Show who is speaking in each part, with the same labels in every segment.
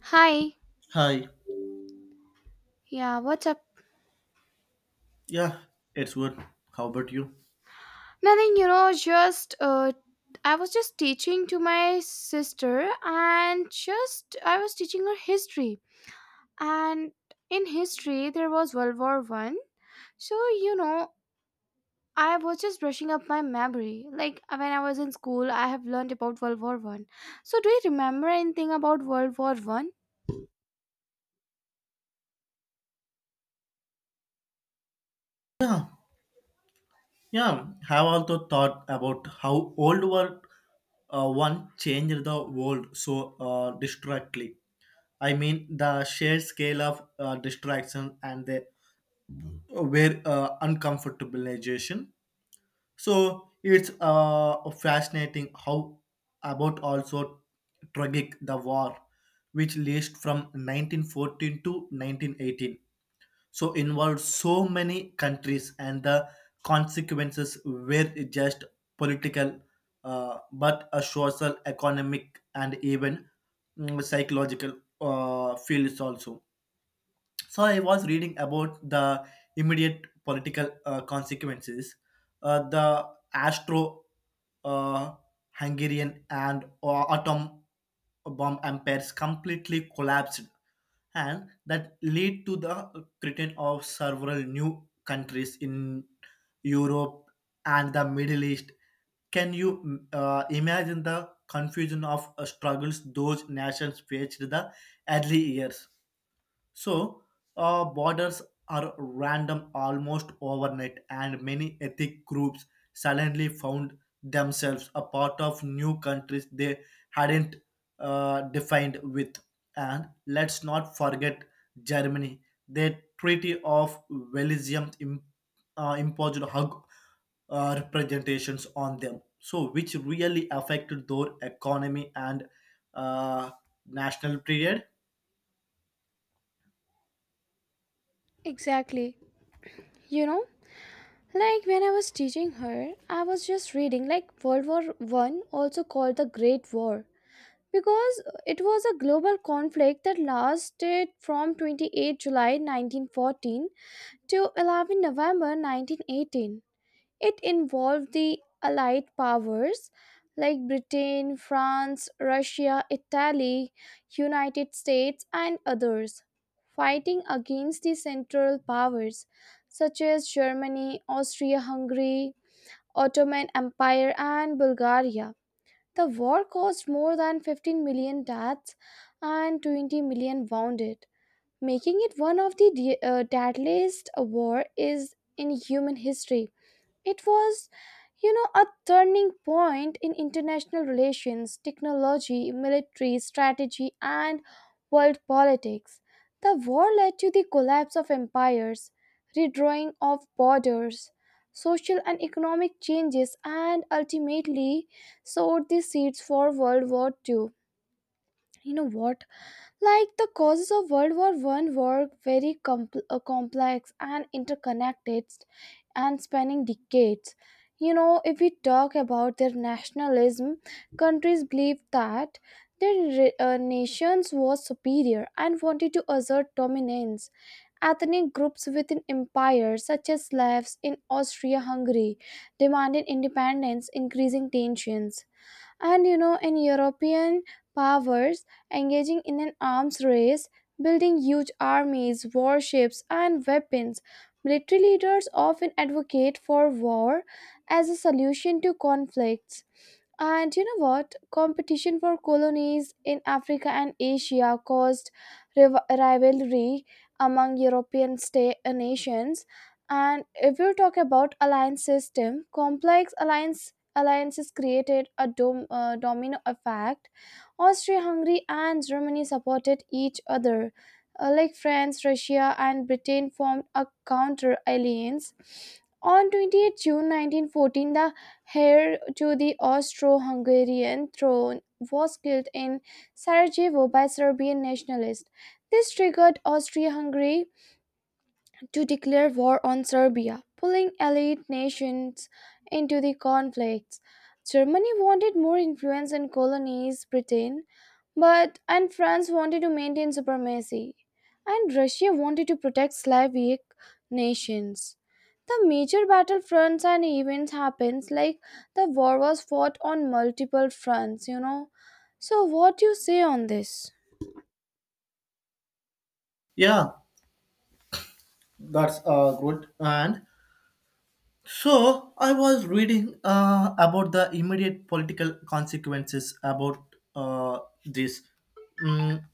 Speaker 1: Hi.
Speaker 2: Hi.
Speaker 1: Yeah, what's up?
Speaker 2: Yeah, it's good. How about you?
Speaker 1: Nothing, you know, just I was just teaching to my sister and just I was teaching her history. And in history there was World War 1. So, you know, I was just brushing up my memory. Like when I was in school, I have learned about World War 1. So, do you remember anything about World War 1?
Speaker 2: Yeah, yeah. Have also thought about how old world one changed the world so distractly. I mean, the sheer scale of distraction and the where uncomfortabilization. So it's fascinating how about also tragic the war, which lasted from 1914 to 1918, so involved so many countries, and the consequences were just political, but a social, economic, and even psychological fields also. So I was reading about the immediate political consequences. The astro uh, hungarian and atom bomb empires completely collapsed, and that lead to the creation of several new countries in Europe and the Middle East. Can you imagine the confusion of struggles those nations faced the early years? So, borders are random almost overnight, and many ethnic groups suddenly found themselves a part of new countries they hadn't defined with. And let's not forget Germany. The Treaty of Wellesium im- Imposed hug representations on them, so which really affected their economy and uh, national period.
Speaker 1: Exactly. You know, like when I was teaching her, I was just reading like World War 1 also called the Great War because it was a global conflict that lasted from 28 July 1914 to 11 November 1918. It involved the Allied powers like Britain, France, Russia, Italy, United States, and others, fighting against the Central powers such as Germany, Austria Hungary, Ottoman Empire, and Bulgaria. The war caused more than 15 million deaths and 20 million wounded, making it one of the deadliest war is in human history. It was, you know, a turning point in international relations, technology, military strategy, and world politics. The war led to the collapse of empires, redrawing of borders, social and economic changes, and ultimately sowed the seeds for World War Two. You know what? Like the causes of World War One were very complex and interconnected and spanning decades. You know, if we talk about their nationalism, countries believed that their nations was superior and wanted to assert dominance. Ethnic groups within empires, such as Slavs in Austria-Hungary, demanded independence, increasing tensions. And you know, in European powers engaging in an arms race, building huge armies, warships, and weapons, military leaders often advocate for war as a solution to conflicts. And you know what? Competition for colonies in Africa and Asia caused rivalry among European nations. And if you talk about alliance system, complex alliances created a domino effect. Austria-Hungary and Germany supported each other. Like France, Russia, and Britain formed a counter alliance. On 28 June 1914, the heir to the Austro-Hungarian throne, was killed in Sarajevo by Serbian nationalists. This triggered Austria-Hungary to declare war on Serbia, pulling allied nations into the conflicts. Germany wanted more influence in colonies Britain, but and France wanted to maintain supremacy, and Russia wanted to protect Slavic nations. The major battlefronts and events happens like the war was fought on multiple fronts, you know. So what do you say on this?
Speaker 2: Yeah, that's good. And so I was reading about the immediate political consequences about this. Mm,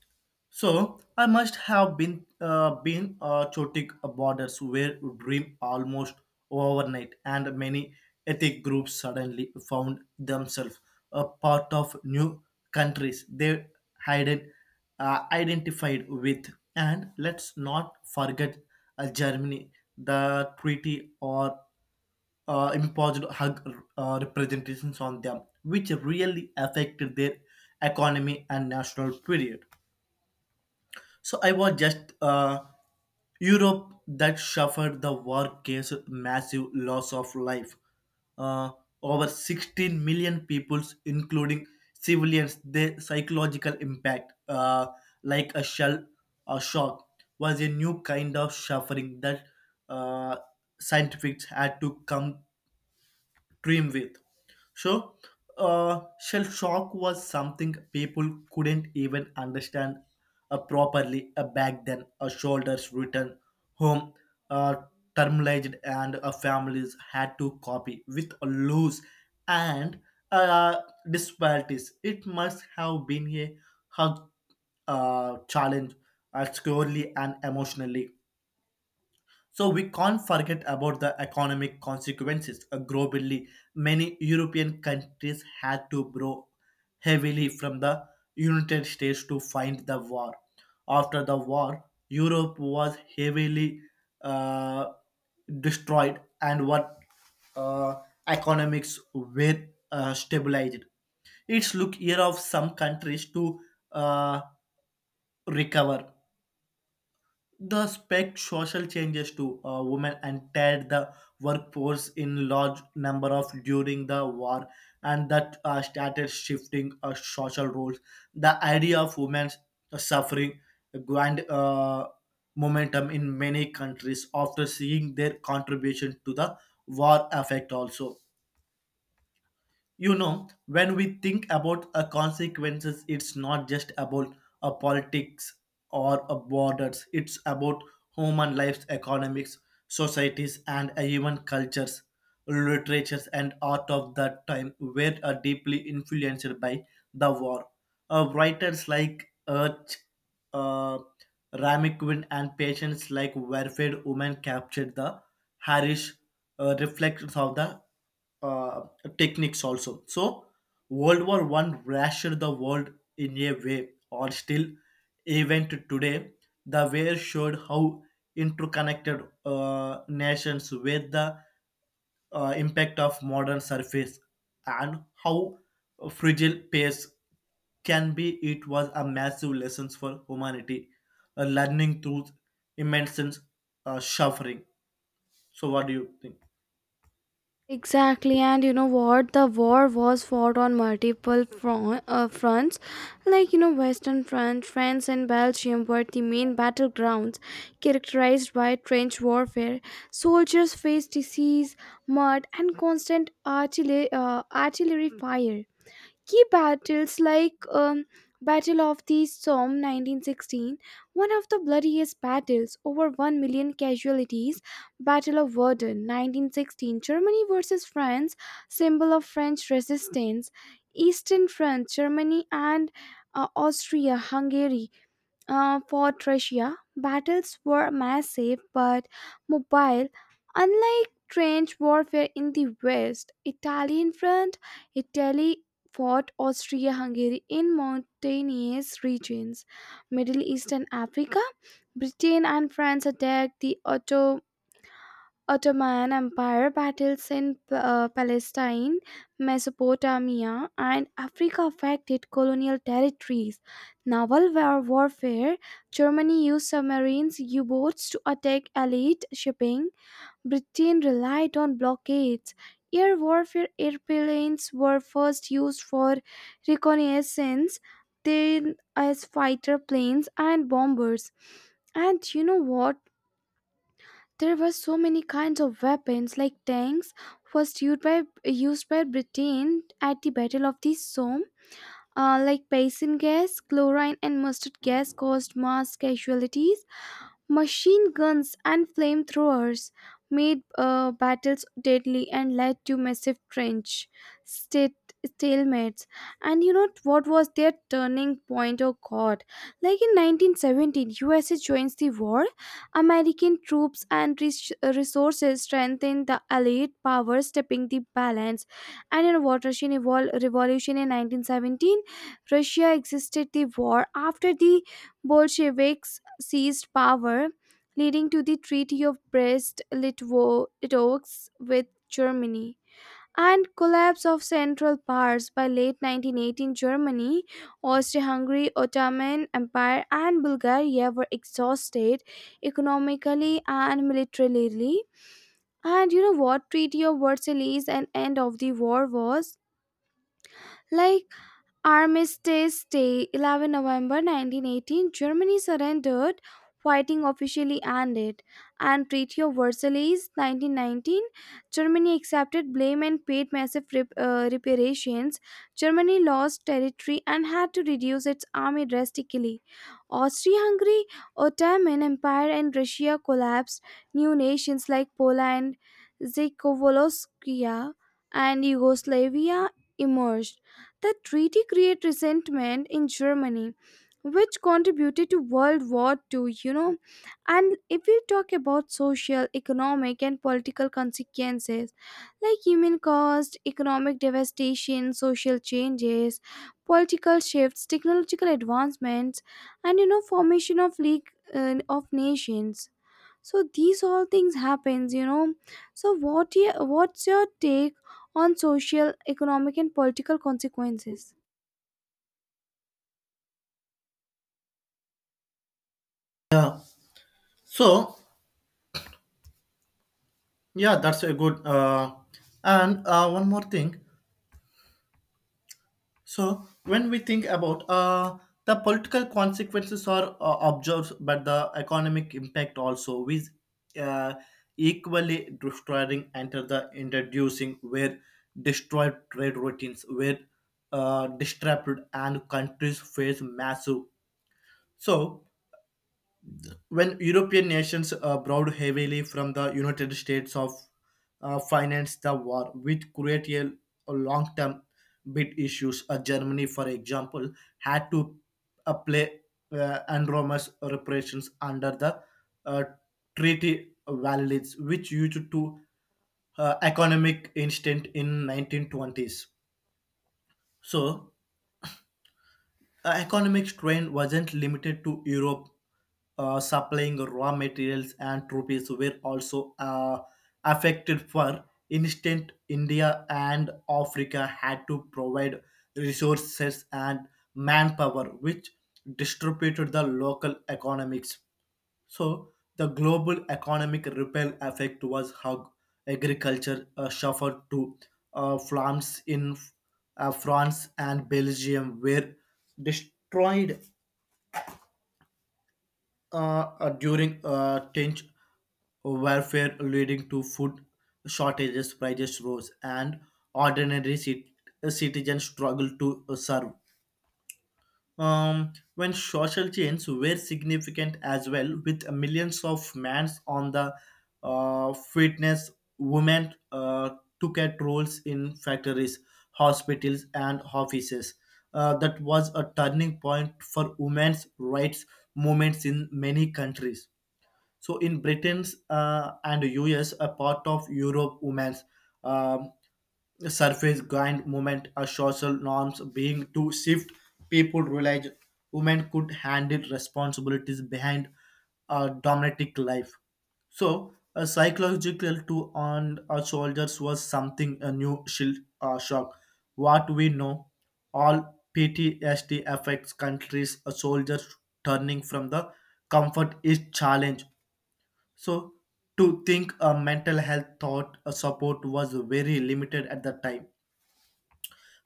Speaker 2: so I must have been chaotic borders where dream almost overnight, and many ethnic groups suddenly found themselves a part of new countries they hadn't identified with. And let's not forget Germany, the treaty or imposed hug representations on them, which really affected their economy and national period. So I was just Europe that suffered the war case massive loss of life. Uh, Over 16 million peoples, including civilians, the psychological impact, like a shock, was a new kind of suffering that uh, scientists had to come dream with. So, shell shock was something people couldn't even understand properly back then. A shoulders return home, uh, terminalized, and families had to copy with a loose and uh, disparities. It must have been a hug challenge, securely and emotionally. So we can't forget about the economic consequences. Globally, many European countries had to borrow heavily from the United States to fight the war. After the war, Europe was heavily uh, destroyed, and what uh, economics were stabilized. It's look here of some countries to uh, recover the spec social changes to women entered the workforce in large number of during the war, and that started shifting social roles. The idea of women suffering gained momentum in many countries after seeing their contribution to the war effect also. You know, when we think about a consequences, it's not just about a politics or a borders. It's about human lives, economics, societies, and even cultures, literatures, and art of that time were deeply influenced by the war. Writers like Urch, uh, Rami Quinn, and patients like Warfare Women captured the harsh reflections of the uh, techniques also. So World War One rashed the world in a way, or still, even to today, the war showed how interconnected nations with the impact of modern surface and how fragile pace can be. It was a massive lesson for humanity, learning through immense suffering. So, what do you think?
Speaker 1: Exactly, and you know what? The war was fought on multiple fronts. Like, you know, Western Front, France, and Belgium were the main battlegrounds, characterized by trench warfare. Soldiers faced disease, mud, and constant artillery fire. Key battles like Battle of the Somme 1916, one of the bloodiest battles, over 1 million casualties, Battle of Verdun 1916, Germany versus France, symbol of French resistance, Eastern France, Germany and Austria-Hungary for Thracia, battles were massive but mobile, unlike trench warfare in the west. Italian front, Italy fought Austria-Hungary in mountainous regions. Middle East and Africa, Britain and France attacked the Ottoman Empire, battles in Palestine, Mesopotamia, and Africa affected colonial territories. Naval warfare, Germany used submarines, U boats to attack elite shipping. Britain relied on blockades. Air warfare, airplanes were first used for reconnaissance, then as fighter planes and bombers. And you know what? There were so many kinds of weapons, like tanks, first used by Britain at the Battle of the Somme. Like poison gas, chlorine, and mustard gas caused mass casualties. Machine guns and flamethrowers made battles deadly and led to massive trench state stalemates. And you know what was their turning point? Oh god, like in 1917 USA joins the war. American troops and resources strengthened the allied powers, tipping the balance. And in a watershed revolution in 1917, Russia exited the war after the Bolsheviks seized power, leading to the Treaty of Brest-Litovsk with Germany and collapse of Central Powers by late 1918. Germany, Austria-Hungary, Ottoman Empire and Bulgaria were exhausted economically and militarily. And you know what Treaty of Versailles and end of the war was like? Armistice Day, 11 November 1918, Germany surrendered, fighting officially ended. And Treaty of Versailles, 1919, Germany accepted blame and paid massive reparations. Germany lost territory and had to reduce its army drastically. Austria-Hungary, Ottoman Empire, and Russia collapsed. New nations like Poland, Czechoslovakia, and Yugoslavia emerged. The treaty created resentment in Germany, which contributed to World War Two, you know. And if we talk about social, economic, and political consequences, like human cost, economic devastation, social changes, political shifts, technological advancements, and you know, formation of League of Nations, so these all things happens, you know. So what your, what's your take on social economic and political consequences?
Speaker 2: Yeah. So, yeah, that's a good. And one more thing. So when we think about the political consequences are observed, but the economic impact also we uh, equally destroying enter the introducing where destroyed trade routines where disrupted and countries face massive. So when European nations borrowed heavily from the United States of finance the war, which created a long-term bid issues. Germany, for example, had to play enormous reparations under the uh, treaty valids, which used to economic instant in 1920s. So the economic strain wasn't limited to Europe, supplying raw materials and troops were also affected. For instance, India and Africa had to provide resources and manpower, which distributed the local economics. So the global economic ripple effect was how agriculture suffered to farms in France and Belgium were destroyed uh, during tench warfare, leading to food shortages, prices rose, and ordinary cit- citizens struggled to survive. When social changes were significant as well, with millions of men on the fitness, women took at roles in factories, hospitals, and offices. That was a turning point for women's rights movements in many countries. So in Britain's and US, a part of Europe, women's um surface grind movement or social norms being to shift. People realize women could handle responsibilities behind a domestic life. So a psychological to on our soldiers was something a new shield shock what we know all PTSD affects countries a soldiers turning from the comfort is challenge. So to think a mental health thought support was very limited at the time.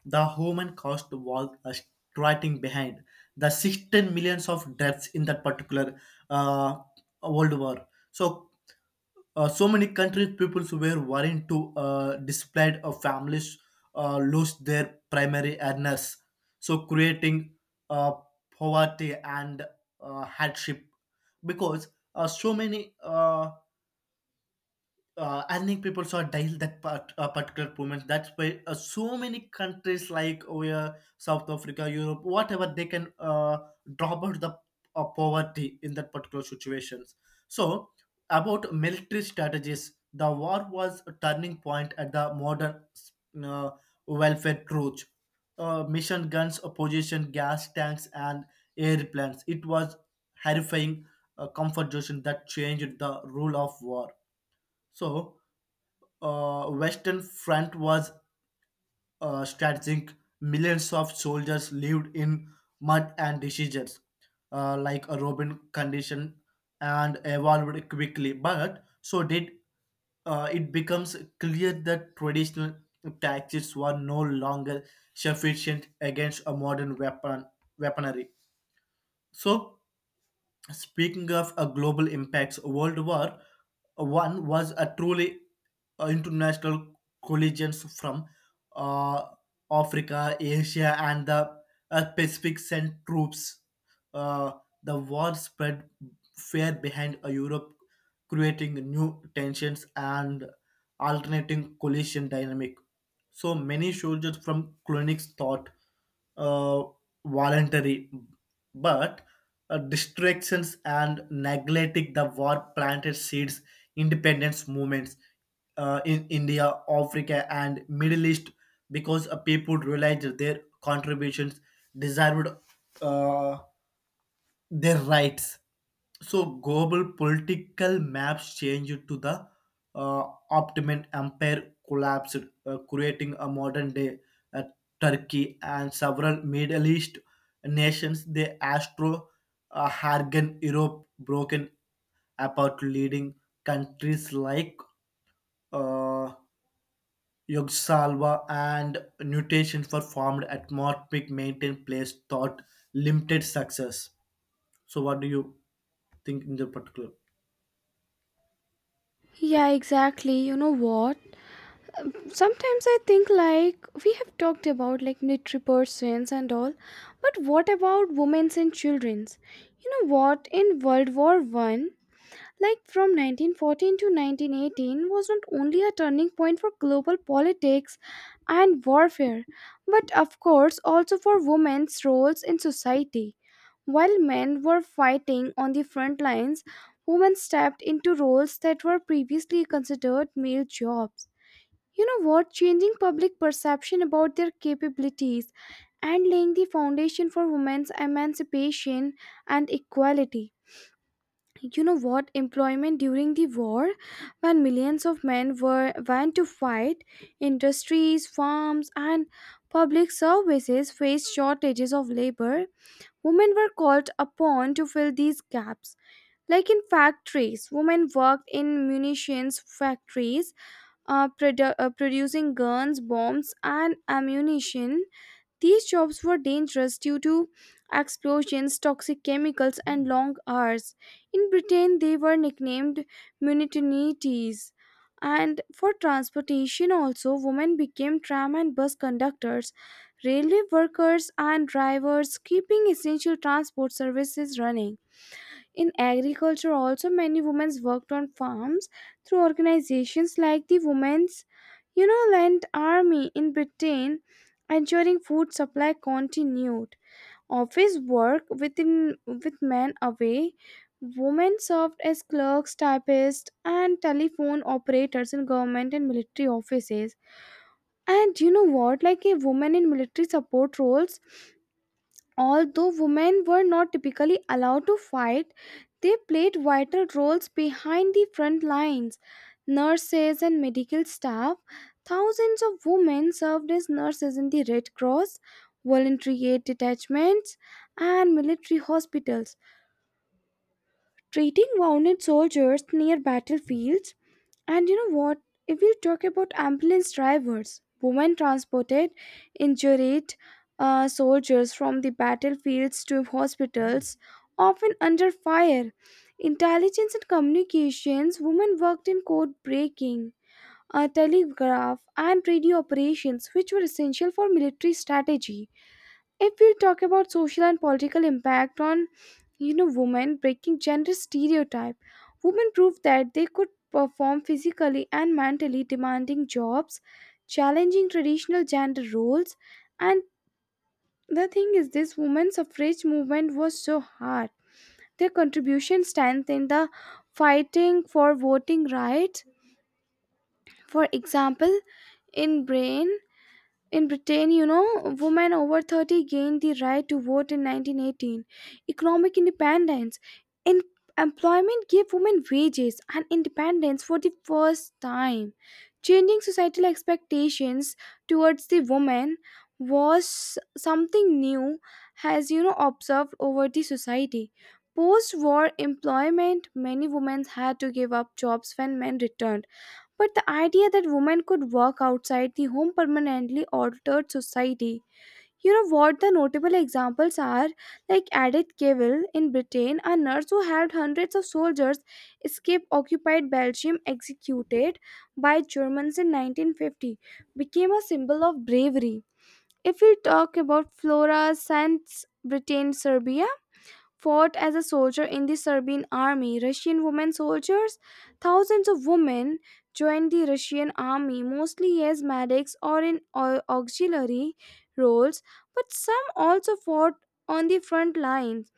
Speaker 2: The human cost was striking behind the 16 millions of deaths in that particular uh, World War. So, so many countries, peoples were worrying to displaced families lose their primary earners. So, creating uh, poverty and hardship because so many I think people saw dial that part, particular moment. That's why so many countries like where South Africa, Europe, whatever they can drop out the poverty in that particular situations. So about military strategies, the war was a turning point at the modern uh, welfare truth. Mission guns, opposition gas tanks, and airplanes. It was horrifying comfort that changed the rule of war. So Western Front was strategic. Millions of soldiers lived in mud and diseases, like a robin condition, and evolved quickly. But so did it becomes clear that traditional tactics were no longer sufficient against a modern weaponry. So speaking of a global impacts, World War One was a truly international collisions from uh, Africa, Asia, and the Pacific sent troops. Uh, the war spread far behind Europe, creating new tensions and alternating coalition dynamic. So many soldiers from clinics thought uh, voluntary, but distractions and neglecting the war planted seeds independence movements in india, africa and middle east because people realized their contributions deserved uh, their rights. So global political maps changed to the uh, Ottoman Empire collapsed, creating a modern day uh, Turkey and several Middle East nations. The Astro-Hungarian Europe broken apart, leading countries like uh, Yugoslavia and Nutation for formed atmospheric maintained place thought limited success. So what do you think in the particular?
Speaker 1: Yeah, exactly, you know what? Sometimes I think like we have talked about like military persons and all, but what about women's and children's? You know what, in World War 1, like from 1914 to 1918 was not only a turning point for global politics and warfare, but of course also for women's roles in society. While men were fighting on the front lines, women stepped into roles that were previously considered male jobs, you know what, changing public perception about their capabilities and laying the foundation for women's emancipation and equality. You know what, employment during the war, when millions of men were went to fight, industries, farms, and public services faced shortages of labor. Women were called upon to fill these gaps. Like in factories, women worked in munitions factories, producing guns, bombs, and ammunition. These jobs were dangerous due to explosions, toxic chemicals, and long hours. In Britain, they were nicknamed munitinities. And for transportation, also, women became tram and bus conductors, railway workers, and drivers, keeping essential transport services running. In agriculture, also many women worked on farms through organizations like the Women's, you know, Land Army in Britain, ensuring food supply continued. Office work within with men away, women served as clerks, typists, and telephone operators in government and military offices. And you know what? Like a woman in military support roles. Although women were not typically allowed to fight, they played vital roles behind the front lines. Nurses and medical staff, thousands of women served as nurses in the Red Cross, voluntary aid detachments, and military hospitals, treating wounded soldiers near battlefields. And you know what? If we talk about ambulance drivers, women transported injured soldiers from the battlefields to hospitals, often under fire. Intelligence and communications, women worked in code breaking, telegraph, and radio operations, which were essential for military strategy. If we talk about social and political impact on, you know, women breaking gender stereotype, women proved that they could perform physically and mentally demanding jobs, challenging traditional gender roles, and the thing is this women's suffrage movement was so hard. Their contribution stands in the fighting for voting rights. For example, in Britain, you know, women over 30 gained the right to vote in 1918. Economic independence. In employment gave women wages and independence for the first time. Changing societal expectations towards the woman was something new has, you know, observed over the society. Post war employment, many women had to give up jobs when men returned. But the idea that women could work outside the home permanently altered society. You know what the notable examples are? Like Edith Cavell in Britain, a nurse who helped hundreds of soldiers escape occupied Belgium, executed by Germans in 1950, became a symbol of bravery. If we talk about Flora Sands, Britain, Serbia, fought as a soldier in the Serbian army. Russian women soldiers? Thousands of women joined the Russian army, mostly as medics or in auxiliary roles, but some also fought on the front lines.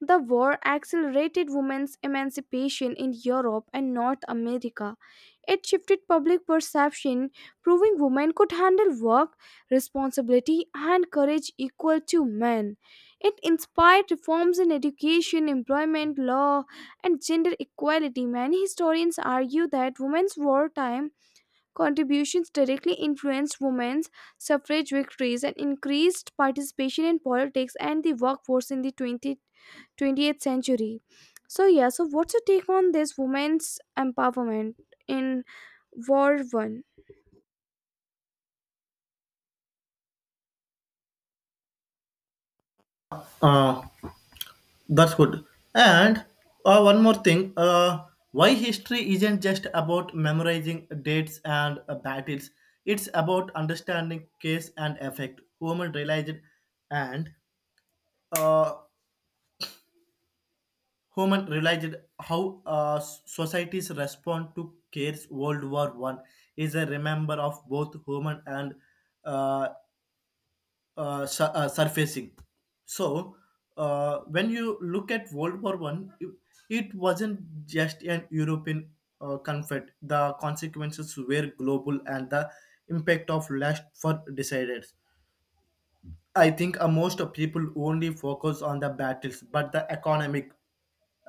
Speaker 1: The war accelerated women's emancipation in Europe and North America. It shifted public perception, proving women could handle work, responsibility, and courage equal to men. It inspired reforms in education, employment, law, and gender equality. Many historians argue that women's wartime contributions directly influenced women's suffrage victories and increased participation in politics and the workforce in the 20th century. So, yeah, so what's your take on this women's empowerment in World War 1?
Speaker 2: Uh, that's good. And one more thing. Why history isn't just about memorizing dates and battles. It's about understanding cause and effect. And uh, human realized how societies respond to cares. World War One is a remember of both human and uh, surfacing. So when you look at World War One, it wasn't just an European conflict. The consequences were global, and the impact of last for decided. I think most of people only focus on the battles, but the economic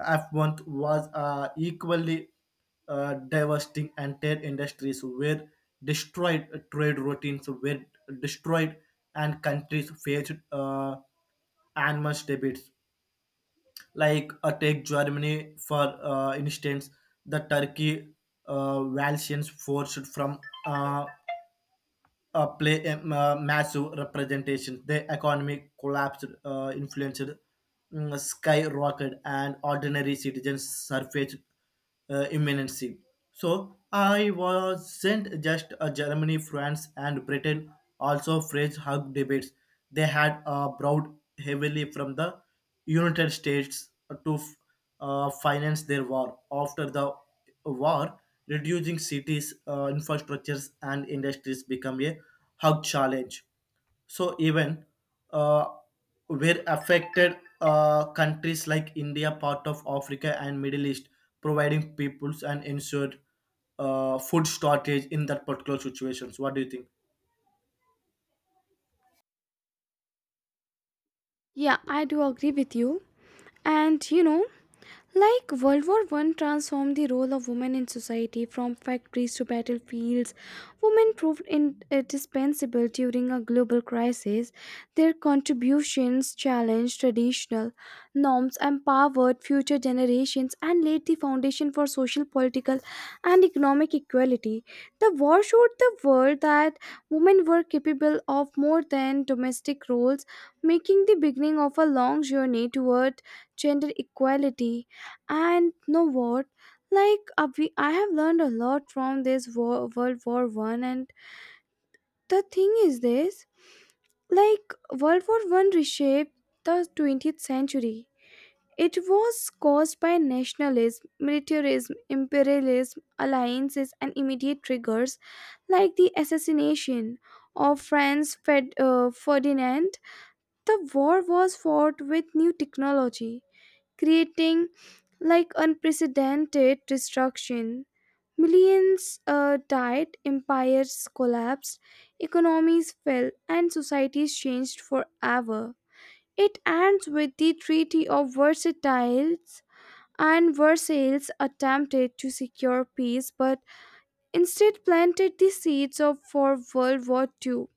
Speaker 2: F1 was equally devastating entire industries were destroyed, trade routines were destroyed, and countries faced enormous debits. Like take Germany for instance, the Turkey Valsians forced from play massive representation. The economy collapsed, influenced skyrocket, and ordinary citizens surfaced imminency. So I wasn't just Germany, France, and Britain. Also, French hug debates. They had brought heavily from the United States to finance their war after the war reducing cities infrastructures and industries become a hug challenge. So even uh, where affected countries like india part of africa and middle east providing peoples and ensured food shortage in that particular situations. What do you think?
Speaker 1: Yeah, I do agree with you. And you know, like World War One transformed the role of women in society. From factories to battlefields, women proved indispensable during a global crisis. Their contributions challenged traditional norms, empowered future generations, and laid the foundation for social, political, and economic equality. The war showed the world that women were capable of more than domestic roles, making the beginning of a long journey toward gender equality. And know what, I have learned a lot from this war, World War One. And the thing is this, like, World War One reshaped the 20th century. It was caused by nationalism, militarism, imperialism, alliances, and immediate triggers like the assassination of Franz Ferdinand. The war was fought with new technology, creating like unprecedented destruction. Millions died, empires collapsed, economies fell, and societies changed forever. It ends with the Treaty of Versailles, and Versailles attempted to secure peace but instead planted the seeds of for World War Two.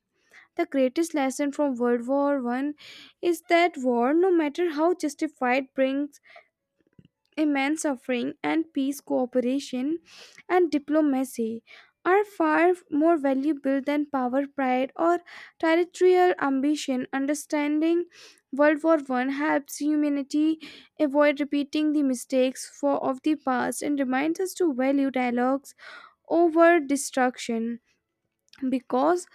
Speaker 1: The greatest lesson from World War One is that war, no matter how justified, brings immense suffering, and peace, cooperation, and diplomacy are far more valuable than power, pride, or territorial ambition. Understanding World War One helps humanity avoid repeating the mistakes of the past and reminds us to value dialogues over destruction. Because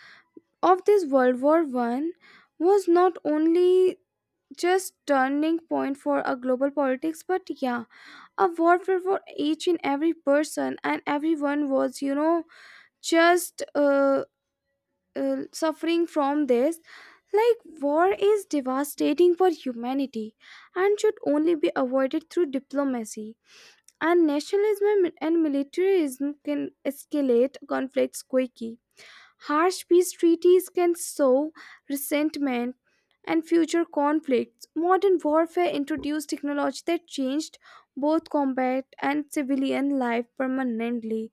Speaker 1: of this, World War One was not only just turning point for a global politics but, yeah, a warfare for each and every person, and everyone was, you know, just suffering from this. Like, war is devastating for humanity and should only be avoided through diplomacy. And nationalism and militarism can escalate conflicts quickly. Harsh peace treaties can sow resentment and future conflicts. Modern warfare introduced technology that changed both combat and civilian life permanently,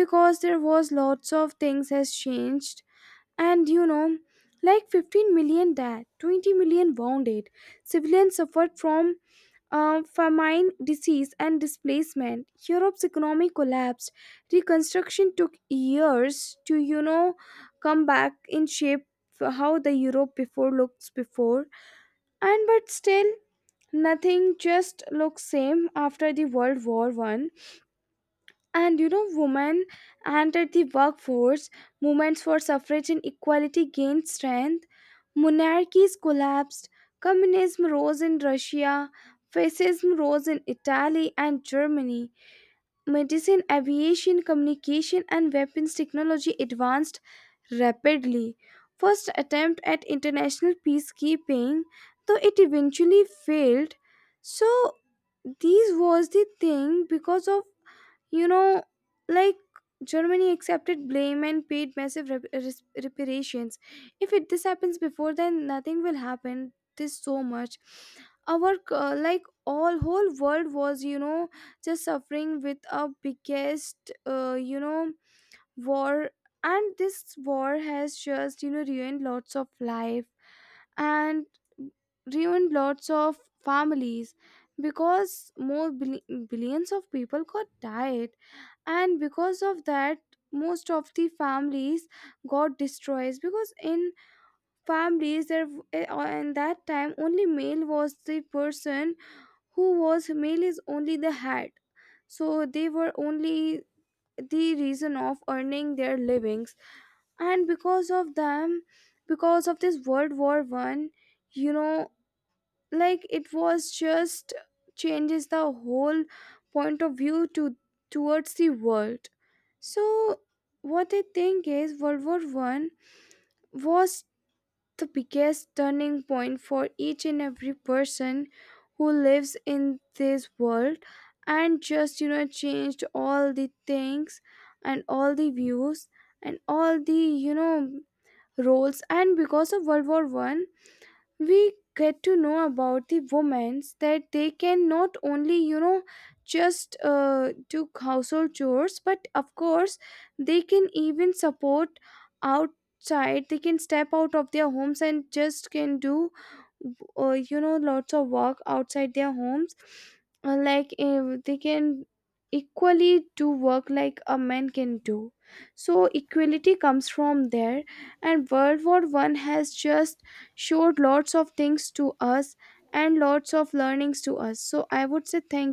Speaker 1: because there was lots of things has changed. And you know, like, 15 million died, 20 million wounded, civilians suffered from famine, disease, and displacement. Europe's economy collapsed. Reconstruction took years to, you know, come back in shape for how the Europe before looks before. And but still, nothing just looks same after the World War One. And you know, women entered the workforce, movements for suffrage and equality gained strength, monarchies collapsed, communism rose in Russia, fascism rose in Italy and Germany, medicine, aviation, communication, and weapons technology advanced rapidly. First attempt at international peacekeeping, though it eventually failed. So this was the thing, because of, you know, like, Germany accepted blame and paid massive reparations. If it this happens before, then nothing will happen. This so much. Our like all whole world was, you know, just suffering with a biggest you know war, and this war has just, you know, ruined lots of life and ruined lots of families because billions of people got died, and because of that most of the families got destroyed because in families in that time only male was the person who was male is only the head, so they were only the reason of earning their livings. And because of them, because of this world war 1, you know, like, it was just changes the whole point of view to towards the world. So what I think is, world war 1 was the biggest turning point for each and every person who lives in this world, and just, you know, changed all the things and all the views and all the, you know, roles. And because of world war 1, we get to know about the women, that they can not only, you know, just do household chores, but of course they can even support outside, they can step out of their homes and just can do, you know, lots of work outside their homes. They can equally do work like a man can do, so equality comes from there. And world war one has just showed lots of things to us, and lots of learnings to us. So I would say thank you.